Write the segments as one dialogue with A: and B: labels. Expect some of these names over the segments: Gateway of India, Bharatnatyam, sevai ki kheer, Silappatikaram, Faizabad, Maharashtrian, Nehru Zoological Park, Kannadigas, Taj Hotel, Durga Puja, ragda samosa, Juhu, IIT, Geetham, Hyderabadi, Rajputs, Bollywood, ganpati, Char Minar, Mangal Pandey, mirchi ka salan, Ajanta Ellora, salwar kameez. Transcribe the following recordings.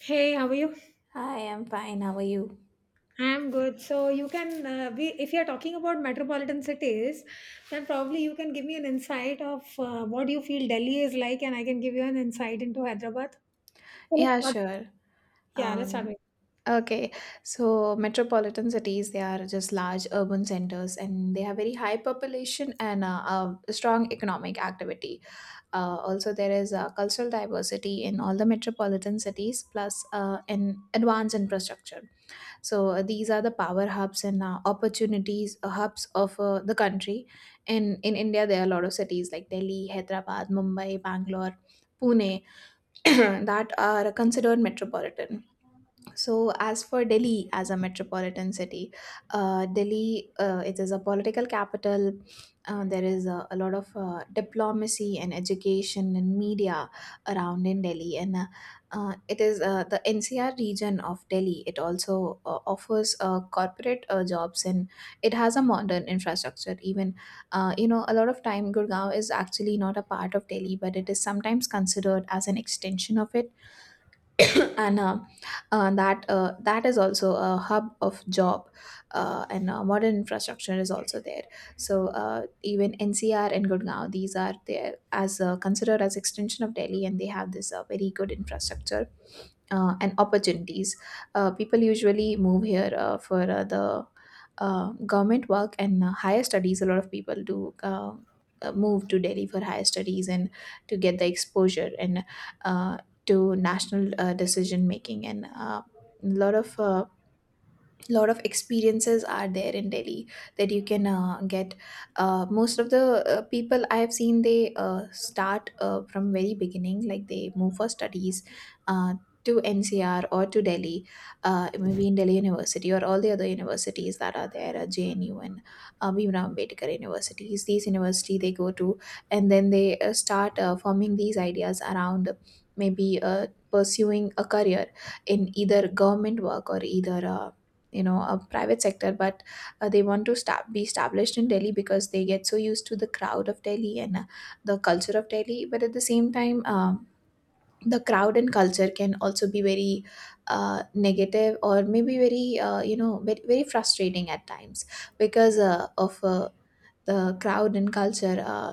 A: Hey, how are you?
B: Hi, I'm fine. How are you?
A: I'm good. So you can, if you're talking about metropolitan cities, then probably you can give me an insight of what you feel Delhi is like, and I can give you an insight into Hyderabad. So let's
B: Yeah,
A: start.
B: sure.
A: Yeah, let's start.
B: Um, okay, so metropolitan cities, they are just large urban centers and they have very high population and a strong economic activity. Also, there is cultural diversity in all the metropolitan cities, plus an advanced infrastructure. So these are the power hubs and opportunities hubs of the country. In India, there are a lot of cities like Delhi, Hyderabad, Mumbai, Bangalore, Pune that are considered metropolitan. So, as for Delhi as a metropolitan city, Delhi, it is a political capital. There is a lot of diplomacy and education and media around in Delhi, and it is the NCR region of Delhi. It also offers corporate jobs, and it has a modern infrastructure. Even a lot of time Gurgaon is actually not a part of Delhi, but it is sometimes considered as an extension of it and that is also a hub of job and modern infrastructure is also there, so even NCR and gurgaon, these are there as considered as extension of delhi, and they have this very good infrastructure and opportunities. People usually move here for the government work and higher studies. A lot of people do move to Delhi for higher studies and to get the exposure and uh, to national decision making, and a lot of uh, lot of experiences are there in delhi that you can get. Most of the people I have seen, they start from very beginning, like they move for studies uh, to NCR or to delhi, maybe in delhi university or all the other universities that are there, JNU and bhimrao ambedkar universities, these university they go to, and then they start forming these ideas around maybe pursuing a career in either government work or either a private sector, but they want to start be established in delhi because they get so used to the crowd of delhi and the culture of delhi. But at the same time, the crowd and culture can also be very negative, or maybe very very, very frustrating at times, because of the crowd and culture.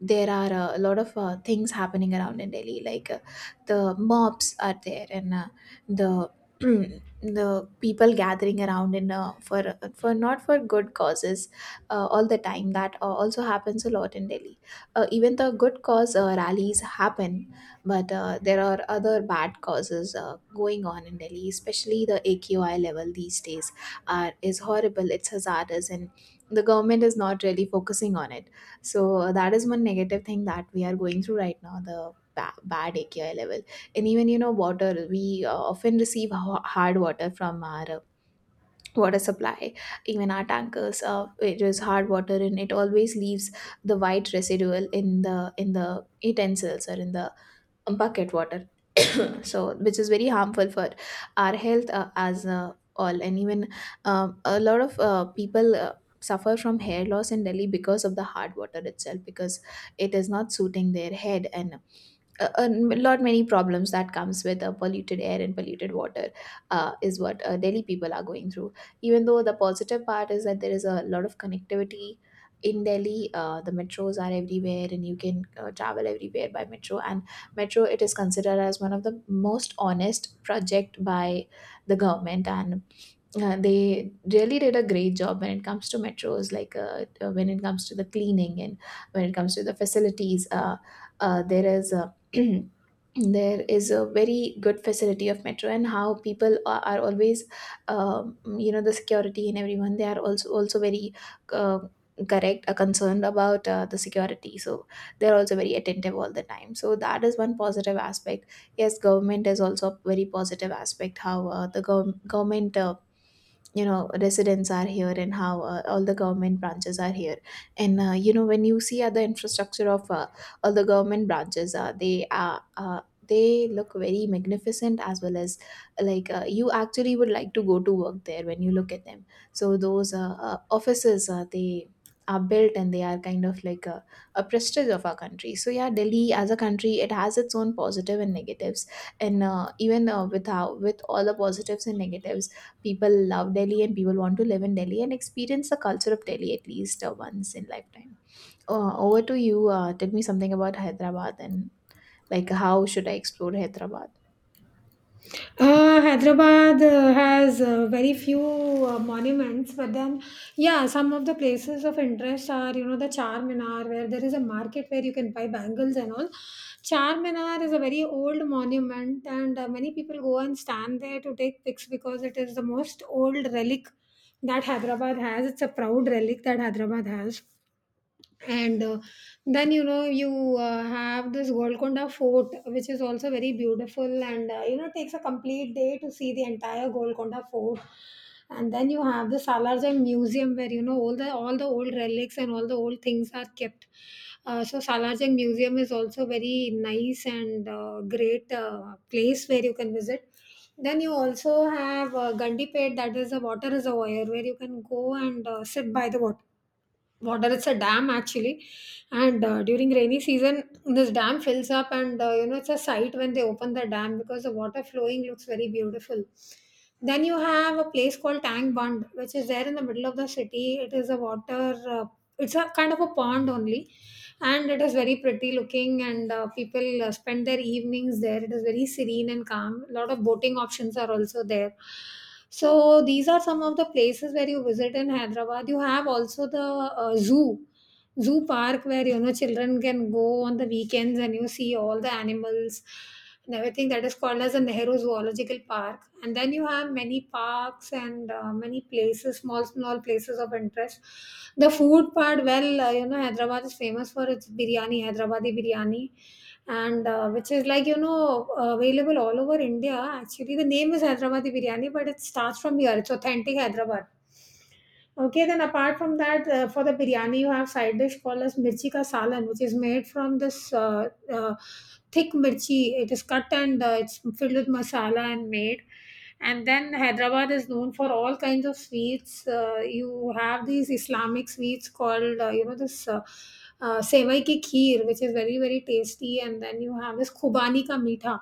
B: There are a lot of things happening around in Delhi. Like, the mobs are there, and the the people gathering around in for not for good causes all the time. That also happens a lot in Delhi. Even the good cause rallies happen, but there are other bad causes going on in Delhi, especially the AQI level these days are is horrible. It's hazardous and the government is not really focusing on it, so that is one negative thing that we are going through right now, the bad AQI level. And even water, we often receive hard water from our water supply. Even our tankers, it is hard water and it always leaves the white residual in the utensils or in the bucket water. So, which is very harmful for our health, as all. And even a lot of people suffer from hair loss in delhi because of the hard water itself, because it is not suiting their head, and a lot many problems that comes with polluted air and polluted water is what delhi people are going through. Even though, the positive part is that there is a lot of connectivity in delhi. The metros are everywhere and you can travel everywhere by metro, and metro, it is considered as one of the most honest project by the government, and they really did a great job when it comes to metros. Like, when it comes to the cleaning and when it comes to the facilities, there is a there is a very good facility of metro, and how people are always, the security and everyone, they are also very uh, correct concerned about the security, so they're also very attentive all the time, so that is one positive aspect. Yes, government is also a very positive aspect, how the government residents are here, and how all the government branches are here, and when you see other infrastructure of all the government branches, they look very magnificent, as well as, like, you actually would like to go to work there when you look at them. So those offices, they are built and they are kind of like a prestige of our country. So yeah, delhi as a country, it has its own positive and negatives, and even, with how, with all the positives and negatives, People love Delhi and people want to live in Delhi and experience the culture of Delhi at least once in lifetime. Over to you. Tell me something about Hyderabad, and like, how should I explore Hyderabad?
A: Hyderabad has very few monuments, but then, yeah, some of the places of interest are, you know, the Char Minar, where there is a market where you can buy bangles and all. Char Minar is a very old monument, and many people go and stand there to take pics because it is the most old relic that Hyderabad has. It's a proud relic that Hyderabad has, and then you know you have this Golconda Fort, which is also very beautiful, and you know takes a complete day to see the entire Golconda Fort. And then you have the Salarjung Museum, where you know all the old relics and all the old things are kept. So Salarjung Museum is also very nice and great place where you can visit. Then you also have Gandipet, that is a water reservoir where you can go and sit by the water. It's a dam actually, and during rainy season this dam fills up, and you know it's a sight when they open the dam because the water flowing looks very beautiful. Then you have a place called Tang Bund, which is there in the middle of the city. It is a water uh, it's a kind of a pond only, and it is very pretty looking, and people spend their evenings there. It is very serene and calm. A lot of boating options are also there. So these are some of the places where you visit in Hyderabad. You have also the zoo park, where you know children can go on the weekends and you see all the animals and everything, that is called as the Nehru Zoological Park. And then you have many parks and many places, small, small places of interest. The food part, well, you know, Hyderabad is famous for its biryani, Hyderabadi biryani, and which is like, you know, available all over India. Actually, the name is Hyderabadi biryani, but it starts from here. It's authentic Hyderabad. Okay, then apart from that, for the biryani, you have side dish called as mirchi ka salan, which is made from this thick mirchi. It is cut and it's filled with masala and made. And then Hyderabad is known for all kinds of sweets. You have these Islamic sweets called, you know, this sevai ki kheer, which is very, very tasty. And then you have this khubani ka meetha.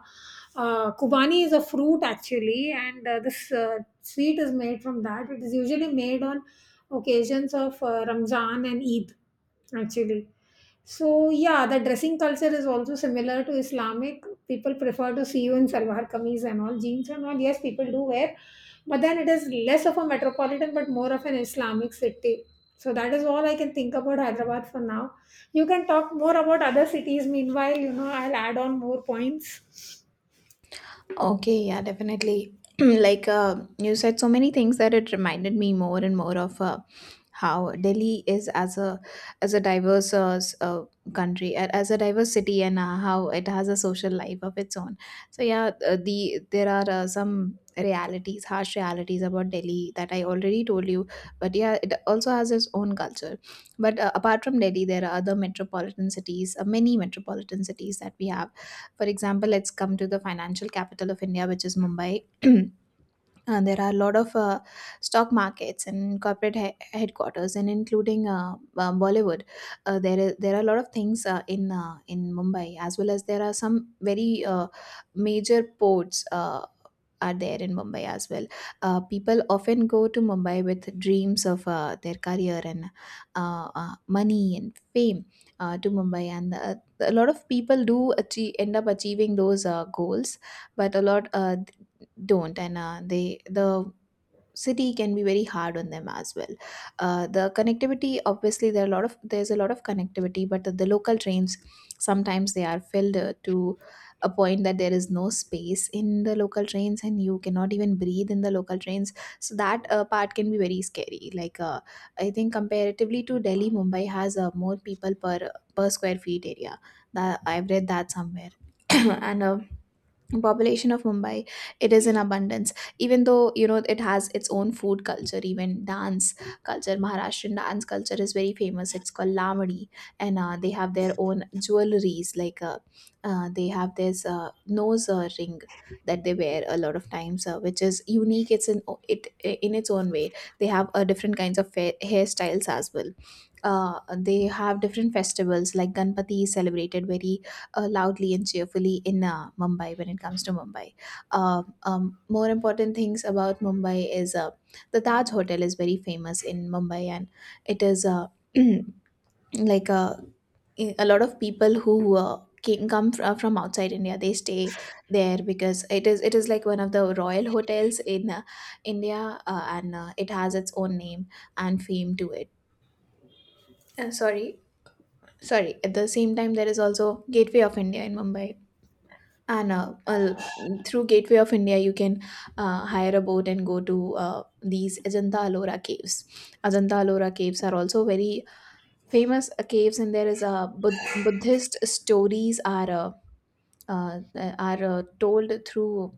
A: Khubani is a fruit actually, and this sweet is made from that. It is usually made on occasions of Ramzan and Eid, actually. So, yeah, the dressing culture is also similar to Islamic. People prefer to see you in salwar kameez and all, jeans and all. Yes, people do wear, but then it is less of a metropolitan but more of an Islamic city. So, that is all I can think about Hyderabad for now. You can talk more about other cities. Meanwhile, you know, I'll add on more points.
B: Okay, yeah, definitely. Like, you said so many things that it reminded me more and more of how Delhi is as a diverse country, as a diverse city, and how it has a social life of its own. So yeah, there are some realities, harsh realities about Delhi that I already told you. But yeah, it also has its own culture. But apart from Delhi, there are other metropolitan cities, many metropolitan cities that we have. For example, let's come to the financial capital of India, which is Mumbai. There are a lot of stock markets and corporate headquarters, and including Bollywood. There are a lot of things in Mumbai, as well as there are some very major ports. Are there in Mumbai as well. People often go to Mumbai with dreams of their career and money and fame, to Mumbai, and a lot of people do achieve, end up achieving those goals. But a lot don't, and the city can be very hard on them as well. The connectivity, obviously there are a lot of there's a lot of connectivity, but the local trains sometimes, they are filled to a point that there is no space in the local trains and you cannot even breathe in the local trains, so that part can be very scary. Like, I think comparatively to delhi, mumbai has more people per square feet area, that I've read that somewhere. And population of mumbai, it is in abundance. Even though, it has its own food culture, even dance culture. Maharashtrian dance culture is very famous, it's called lamadi, and they have their own jewelries. Like, they have this nose ring that they wear a lot of times, which is unique, it's in it in its own way. They have different kinds of hairstyles as well. They have different festivals, like ganpati is celebrated very loudly and cheerfully in Mumbai when it comes to Mumbai. More important things about Mumbai is the Taj Hotel is very famous in Mumbai, and it is like, a lot of people who come from outside India, they stay there because it is like one of the royal hotels in India, and it has its own name and fame to it. Sorry. Sorry, at the same time, there is also Gateway of India in Mumbai. And through Gateway of India, you can hire a boat and go to these Ajanta Ellora caves. Ajanta Ellora caves are also very famous caves, and there is a Buddhist stories are uh, uh, are uh, told through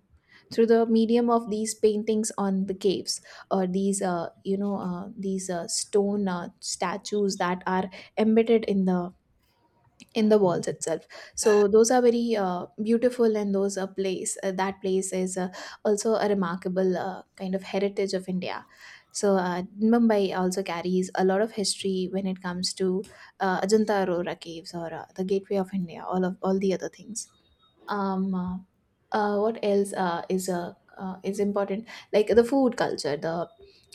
B: through the medium of these paintings on the caves or these these stone statues that are embedded in the walls itself. So those are very beautiful, and those are place that place is also a remarkable kind of heritage of India. so uh, Mumbai also carries a lot of history when it comes to Ajanta Aurora caves or the Gateway of India, all the other things. um uh, what else is important, like the food culture the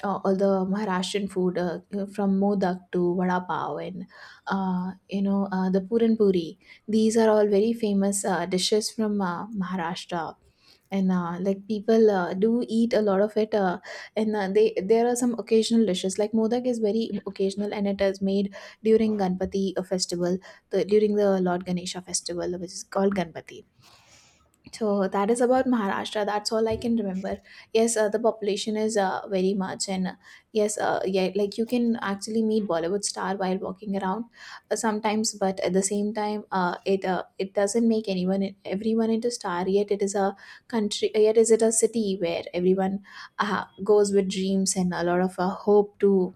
B: all the Maharashtrian food, from modak to vada pav, and the puran puri. These are all very famous dishes from Maharashtra, and like people do eat a lot of it. Uh, And they there are some occasional dishes, like modak is very occasional, and it is made during ganpati festival, during the Lord Ganesha festival, which is called ganpati. So that is about Maharashtra. That's all I can remember. Yes, the population is very much, and yes, yeah, like you can actually meet Bollywood star while walking around sometimes, but at the same time, it it doesn't make anyone everyone into star. Yet it is a country. Yet is it a city where everyone goes with dreams and a lot of hope to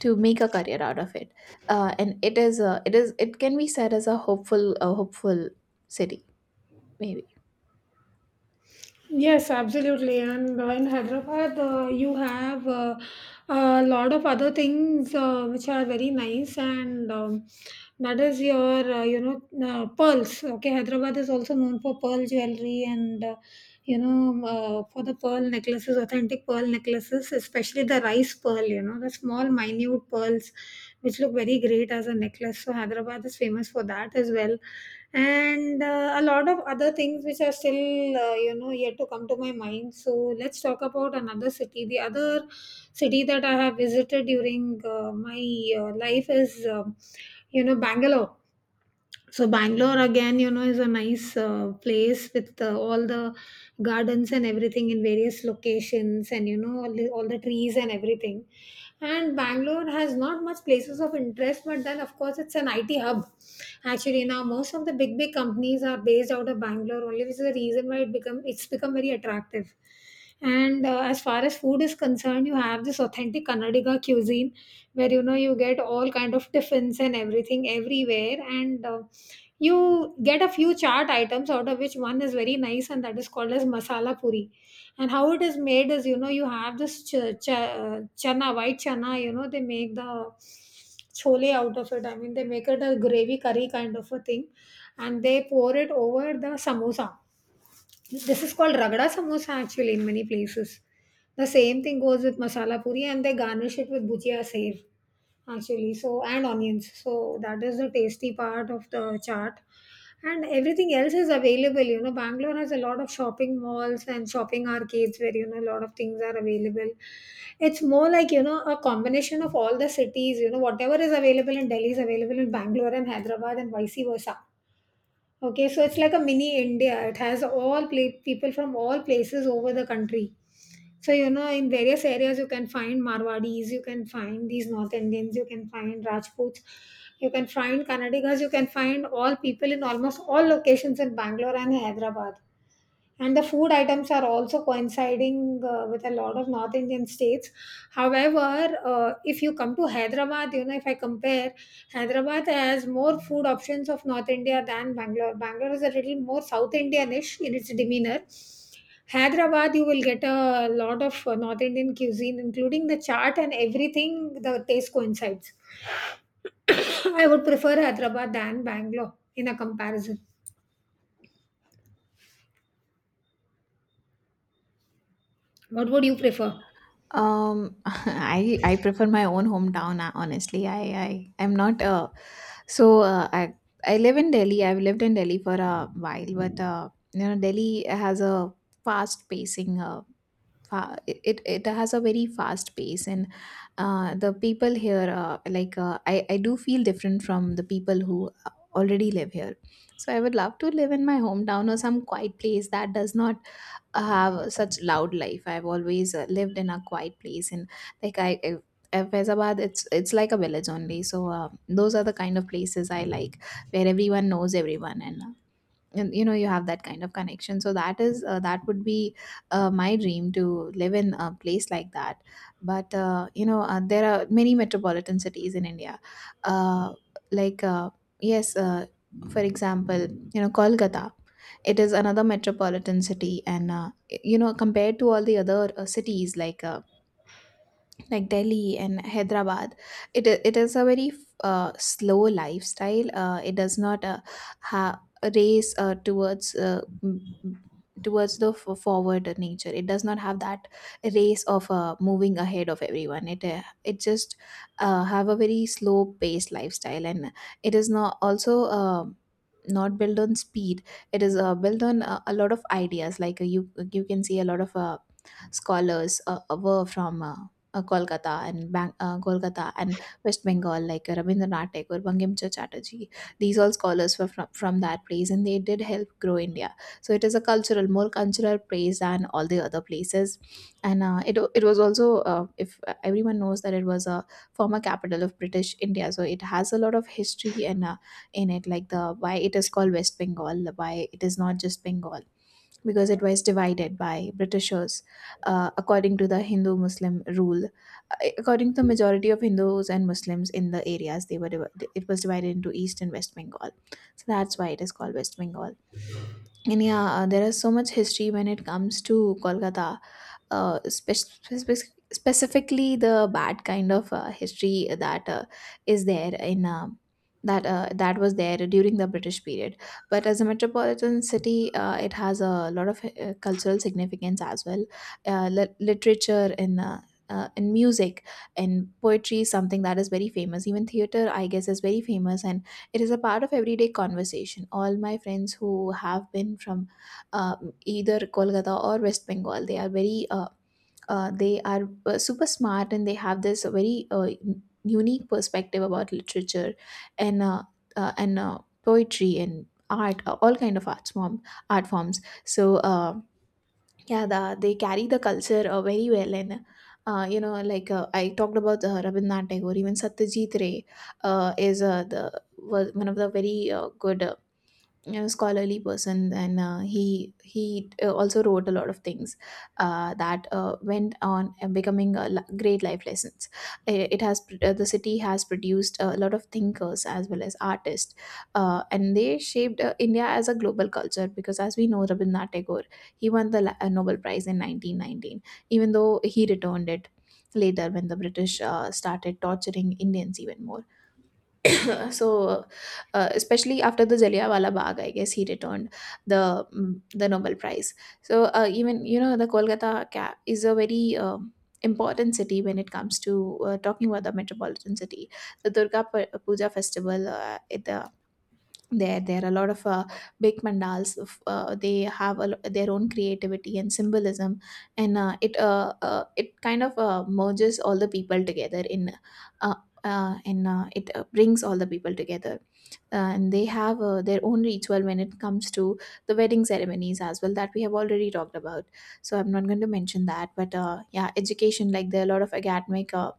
B: make a career out of it. And it is it can be said as a hopeful city maybe.
A: Yes, absolutely. And in Hyderabad, you have a lot of other things which are very nice, and that is your, pearls. Okay, Hyderabad is also known for pearl jewelry and for the pearl necklaces, authentic pearl necklaces, especially the rice pearl, you know, the small, minute pearls, which look very great as a necklace. So, Hyderabad is famous for that as well. And a lot of other things which are still, you know, yet to come to my mind. So, let's talk about another city. The other city that I have visited during my life is, you know, Bangalore. So Bangalore again, you know, is a nice place with all the gardens and everything in various locations, and you know, all the trees and everything. And Bangalore has not much places of interest, but then of course it's an IT hub. Actually, now most of the big companies are based out of Bangalore only, which is the reason why it's become very attractive. And as far as food is concerned, you have this authentic Kannadiga cuisine, where you know you get all kind of tiffins and everything everywhere, and you get a few chart items, out of which one is very nice and that is called as masala puri. And how it is made is, you know, you have this ch- ch- chana white chana, you know they make the chole out of it, I mean they make it a gravy curry kind of a thing, and they pour it over the samosa. This is called ragda samosa actually in many places. The same thing goes with masala puri, and they garnish it with bhujia sev actually, so, and onions. So that is the tasty part of the chart. And everything else is available. You know, Bangalore has a lot of shopping malls and shopping arcades where you know a lot of things are available. It's more like, you know, a combination of all the cities. You know, whatever is available in Delhi is available in Bangalore and Hyderabad and vice versa. Okay, so it's like a mini India. It has people from all places over the country. So, you know, in various areas, you can find Marwadis, you can find these North Indians, you can find Rajputs, you can find Kannadigas, you can find all people in almost all locations in Bangalore and Hyderabad. And the food items are also coinciding with a lot of North Indian states. However, if you come to Hyderabad, you know, if I compare, Hyderabad has more food options of North India than Bangalore. Bangalore is a little more South Indianish in its demeanor. Hyderabad, you will get a lot of North Indian cuisine including the chaat and everything. The taste coincides. I would prefer Hyderabad than Bangalore in a comparison. What would you prefer?
B: I prefer my own hometown. Honestly, I am not I I live in Delhi. I've lived in Delhi for a while, but you know, Delhi has a fast pacing uh, it, it has a very fast pace, and the people here I do feel different from the people who already live here. So I would love to live in my hometown or some quiet place that does not have such loud life. I've always lived in a quiet place, and I Faizabad, it's like a village only. So those are the kind of places I like, where everyone knows everyone, and you know you have that kind of connection, so that would be my dream to live in a place like that. But there are many metropolitan cities in India. uh, like uh, yes uh, for example, you know, Kolkata, it is another metropolitan city, and you know, compared to all the other cities, like Delhi and Hyderabad, it is a very slow lifestyle. It does not ha- race towards the forward nature. It does not have that race of moving ahead of everyone. It just have a very slow paced lifestyle, and it is not also. Not built on speed. It is built on a lot of ideas. Like you you can see a lot of scholars were from Kolkata and Kolkata and West Bengal, like Rabindranath Tagore, Bangimcha Chatterjee. These all scholars were from that place, and they did help grow India. So it is a cultural, more cultural place than all the other places. And it it was also, if everyone knows that, it was a former capital of British India, so it has a lot of history and in it, like the why it is called West Bengal, why it is not just Bengal, because it was divided by Britishers according to the Hindu Muslim rule. According to the majority of Hindus and Muslims in the areas, it was divided into East and West Bengal. So that's why it is called West Bengal. And yeah, there is so much history when it comes to Kolkata, uh, spec- specifically the bad kind of history that is there in that that was there during the British period. But as a metropolitan city, it has a lot of cultural significance as well, literature and. In music and poetry is something that is very famous. Even theater, I guess, is very famous, and it is a part of everyday conversation. All my friends who have been from either Kolkata or West Bengal, they are very they are super smart, and they have this very unique perspective about literature and uh, and uh, poetry and art, all kind of art forms. so uh, yeah, they carry the culture very well, and you know, I talked about Rabindranath Tagore, even Satyajit Ray is the was one of the very good scholarly person, and he also wrote a lot of things that went on and becoming a great life lessons. The city has produced a lot of thinkers as well as artists, and they shaped India as a global culture, because, as we know, Rabindranath Tagore, he won the Nobel Prize in 1919, even though he returned it later when the British started torturing Indians even more. So especially after the Jallianwala Bagh, I guess he returned the Nobel Prize. So even you know the Kolkata is a very important city when it comes to talking about the metropolitan city. The Puja festival at the there there are a lot of big mandals they have a, their own creativity and symbolism, and it kind of merges all the people together in uh, and it brings all the people together. And they have their own ritual when it comes to the wedding ceremonies as well, that we have already talked about, so I'm not going to mention that. But yeah, education, like there are a lot of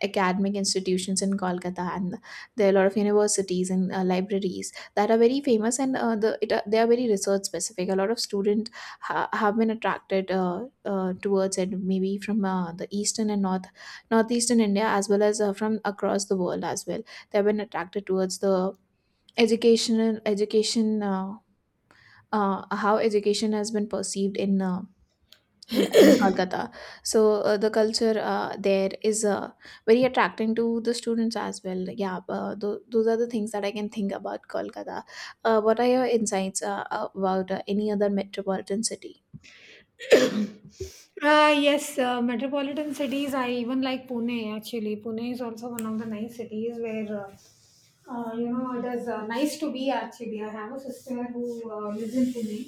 B: academic institutions in Kolkata, and there are a lot of universities and libraries that are very famous, and they are very research specific. A lot of students have been attracted towards it, maybe from the eastern and northeastern India, as well as from across the world as well. They have been attracted towards the education. How education has been perceived in in Kolkata. So the culture there is very attracting to the students as well. Yeah, those are the things that I can think about Kolkata. What are your insights about any other metropolitan city?
A: Yes, metropolitan cities. I even like Pune actually. Pune is also one of the nice cities where, you know, it is nice to be actually. I have a sister who lives in Pune.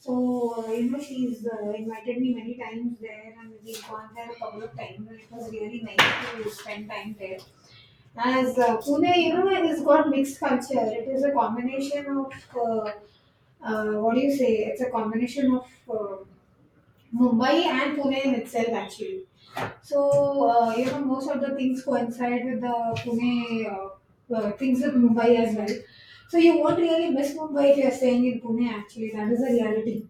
A: So, you know, she's invited me many times there and we've gone there a couple of times and it was really nice to spend time there. As Pune, you know, it has got mixed culture. It is a combination of, what do you say? It's a combination of. Mumbai and Pune in itself, actually. So, you know, most of the things coincide with the Pune things in Mumbai as well. So, you won't really miss Mumbai if you're staying in Pune, actually. That is the reality.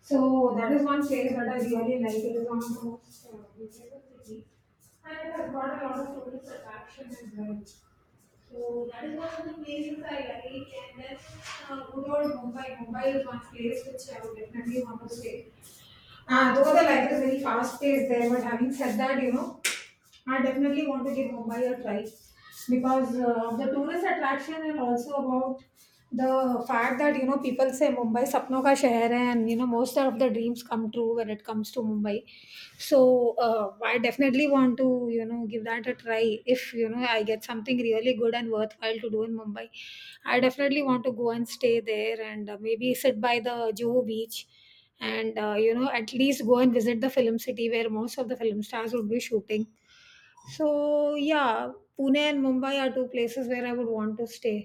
A: So, that is one place that I really like. It is one of the most beautiful cities. And it has got a lot of tourist attraction as well. So, that is one of the places I like. And then, good old Mumbai. Mumbai is one place which I would definitely want to stay. Though the life is very fast paced there, but having said that, you know, I definitely want to give Mumbai a try, because of the tourist attraction and also about the fact that, you know, people say Mumbai sapno ka shahar hai, and you know most of the dreams come true when it comes to Mumbai. So I definitely want to, you know, give that a try if you know I get something really good and worthwhile to do in Mumbai. I definitely want to go and stay there, and maybe sit by the Juhu beach, and you know at least go and visit the film city where most of the film stars would be shooting. So yeah, Pune and Mumbai are two places where I would want to stay.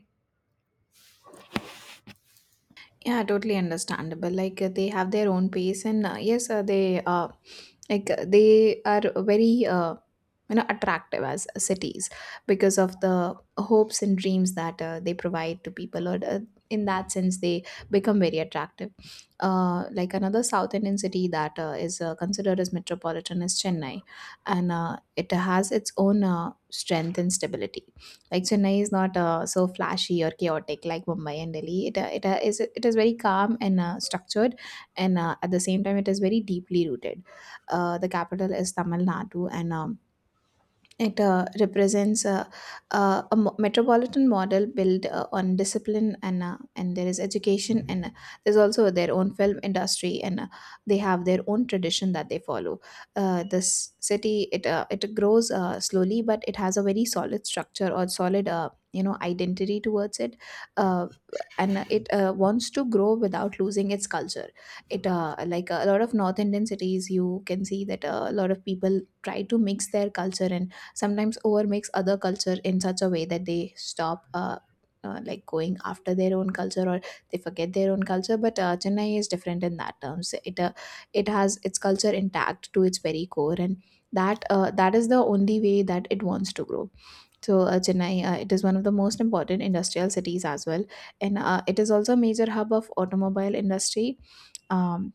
B: Yeah, totally understandable. Like they have their own pace, and they are very you know attractive as cities, because of the hopes and dreams that they provide to people, or in that sense, they become very attractive. Like another South Indian city that is considered as metropolitan is Chennai, and it has its own strength and stability. Like Chennai is not so flashy or chaotic like Mumbai and Delhi. It is very calm and structured, and at the same time, it is very deeply rooted. The capital is Tamil Nadu, and it represents a metropolitan model built on discipline and there is education and there's also their own film industry, and they have their own tradition that they follow. This city, it grows slowly, but it has a very solid structure or solid you know identity towards it, uh, and it wants to grow without losing its culture. It Like a lot of North Indian cities, you can see that a lot of people try to mix their culture and sometimes overmix other culture in such a way that they stop going after their own culture, or they forget their own culture. But Chennai is different in that terms. It it has its culture intact to its very core, and that is the only way that it wants to grow. So Chennai, it is one of the most important industrial cities as well, and it is also a major hub of automobile industry. um,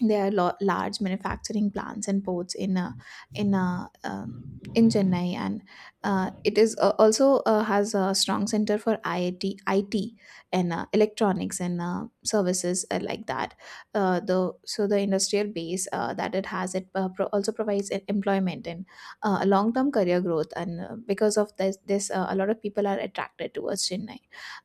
B: there are large manufacturing plants and ports in in uh, um in Chennai, and it is also has a strong center for IIT, IT, and electronics and services like that. The So the industrial base that it has, also provides an employment and long term career growth, and because of this, a lot of people are attracted towards Chennai.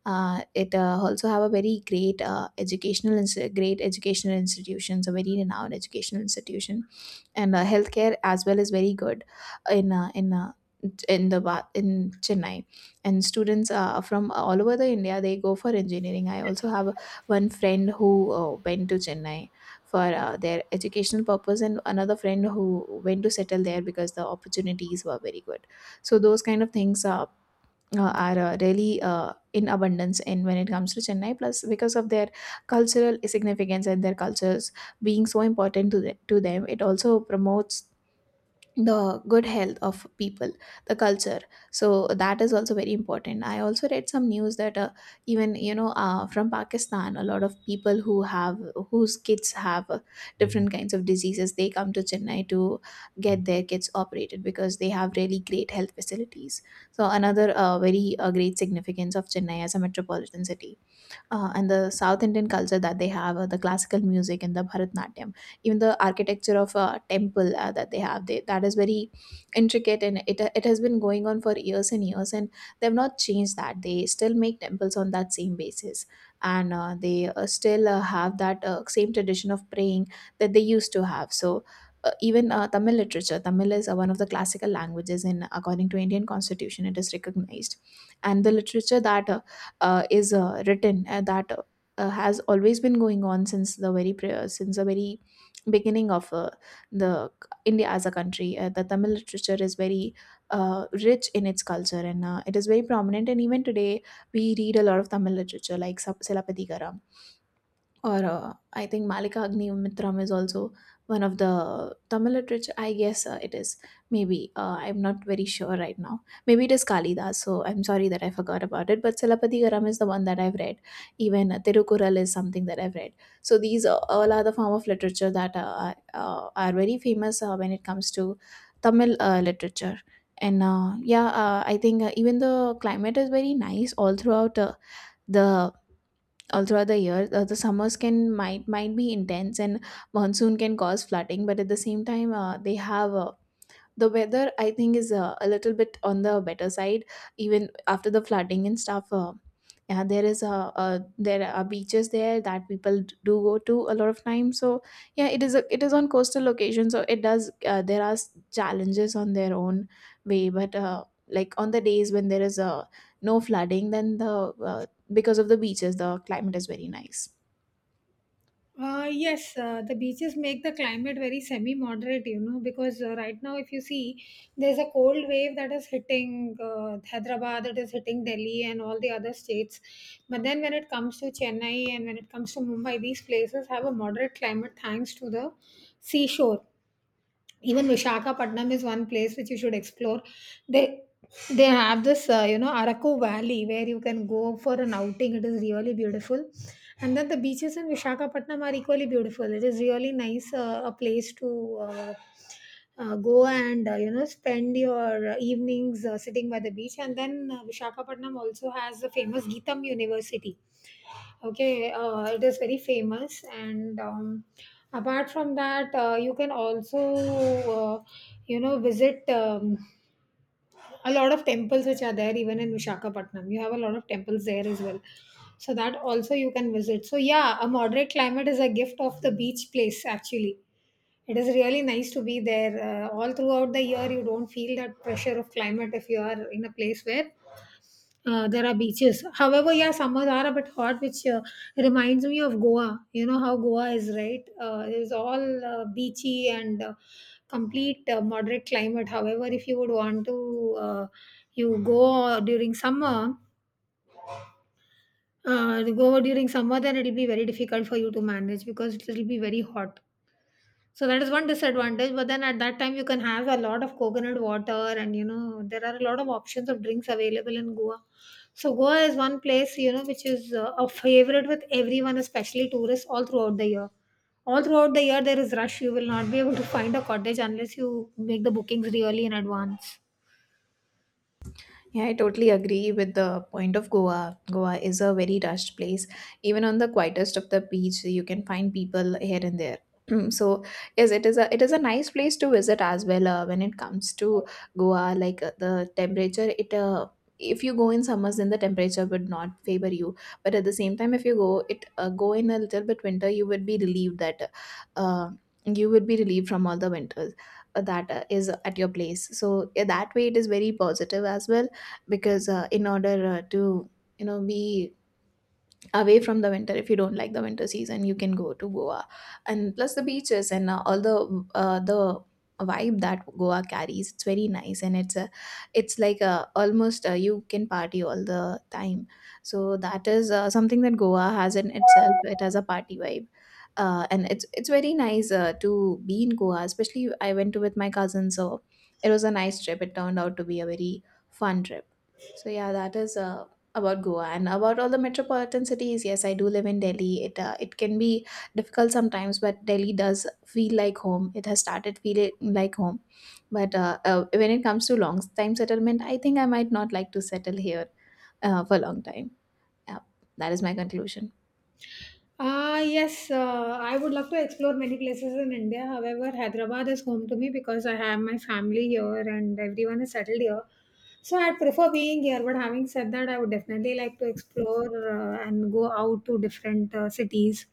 B: It also have a very great educational great educational institutions, a very renowned educational institution, and healthcare as well is very good in uh, in uh, in Chennai. And students from all over the India they go for engineering. I also have one friend who went to Chennai for their educational purpose, and another friend who went to settle there because the opportunities were very good. So those kind of things are really in abundance in when it comes to Chennai. Plus, because of their cultural significance and their cultures being so important to to them, it also promotes the good health of people, the culture, so that is also very important. I also read some news that even you know from Pakistan a lot of people who have whose kids have different kinds of diseases, they come to Chennai to get their kids operated because they have really great health facilities. So another very great significance of Chennai as a metropolitan city, and the South Indian culture that they have, the classical music and the Bharatnatyam, even the architecture of a temple that they have, that is very intricate, and it has been going on for years and years, and they have not changed that. They still make temples on that same basis, and they still have that same tradition of praying that they used to have. So even Tamil literature, Tamil is one of the classical languages, and according to Indian constitution, it is recognized. And the literature that is written, and that has always been going on since the since the very beginning of the India as a country. The Tamil literature is very rich in its culture, and it is very prominent. And even today, we read a lot of Tamil literature like Silappatikaram, or I think Malika Agnimitram is also one of the Tamil literature. I guess it is. Maybe. I'm not very sure right now. Maybe it is Kalidas. So I'm sorry that I forgot about it. But Silapadikaram is the one that I've read. Even Tirukural is something that I've read. So all are the form of literature that are very famous when it comes to Tamil literature. And yeah, I think even the climate is very nice all throughout the all throughout the year. The summers can might be intense, and monsoon can cause flooding, but at the same time they have, the weather I think is a little bit on the better side even after the flooding and stuff. Yeah, there is a there are beaches there that people do go to a lot of time. So yeah, it is on coastal location, so it does, there are challenges on their own way, but like on the days when there is no flooding, then the uh, because of the beaches the climate is very nice.
A: Yes, the beaches make the climate very semi moderate, you know, because right now if you see, there's a cold wave that is hitting Hyderabad, that is hitting Delhi and all the other states. But then when it comes to Chennai and when it comes to Mumbai, these places have a moderate climate thanks to the seashore. Even Visakhapatnam is one place which you should explore. They they have this, you know, Araku Valley where you can go for an outing. It is really beautiful, and then the beaches in Visakhapatnam are equally beautiful. It is really nice a place to. Go and you know spend your evenings sitting by the beach. And then Visakhapatnam also has the famous Geetham University. Okay, it is very famous, and apart from that, you can also, you know, visit a lot of temples which are there even in Vishakhapatnam. You have a lot of temples there as well, so that also you can visit. So yeah, a moderate climate is a gift of the beach place actually. It is really nice to be there all throughout the year. You don't feel that pressure of climate if you are in a place where there are beaches. However, yeah, summers are a bit hot, which reminds me of Goa. You know how Goa is, right? It is all beachy and complete moderate climate. However, if you would want to, you go during summer, then it'll be very difficult for you to manage because it'll be very hot. So that is one disadvantage. But then at that time, you can have a lot of coconut water, and you know there are a lot of options of drinks available in Goa. So Goa is one place, you know, which is a favorite with everyone, especially tourists, all throughout the year. All throughout the year, there is rush. You will not be able to find a cottage unless you make the bookings really in advance.
B: Yeah, I totally agree with the point of Goa. Goa is a very rushed place. Even on the quietest of the beach, you can find people here and there. So yes, it is a nice place to visit as well. When it comes to Goa, like the temperature, it if you go in summers, then the temperature would not favor you. But at the same time, if you go it go in a little bit winter, you would be relieved that uh, you would be relieved from all the winters that is at your place. So yeah, that way, it is very positive as well because in order to you know be away from the winter, if you don't like the winter season, you can go to Goa. And plus the beaches and all the vibe that Goa carries, it's very nice, and it's like a almost you can party all the time. So that is something that Goa has in itself. It has a party vibe, and it's very nice to be in Goa. Especially I went to with my cousin, so it was a nice trip. It turned out to be a very fun trip. So yeah, that is about Goa. And about all the metropolitan cities, yes, I do live in Delhi. It can be difficult sometimes, but Delhi does feel like home. It has started feeling like home. But when it comes to long time settlement, I think I might not like to settle here for a long time. Yeah, that is my conclusion.
A: Ah, yes, I would love to explore many places in India. However, Hyderabad is home to me because I have my family here and everyone is settled here. So I'd prefer being here. But having said that, I would definitely like to explore and go out to different cities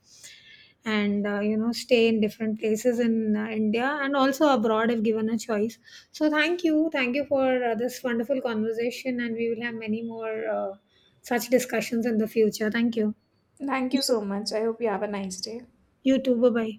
A: and you know stay in different places in India and also abroad if given a choice. So thank you for this wonderful conversation, and we will have many more such discussions in the future. Thank you.
B: Thank you so much. I hope you have a nice day.
A: YouTube bye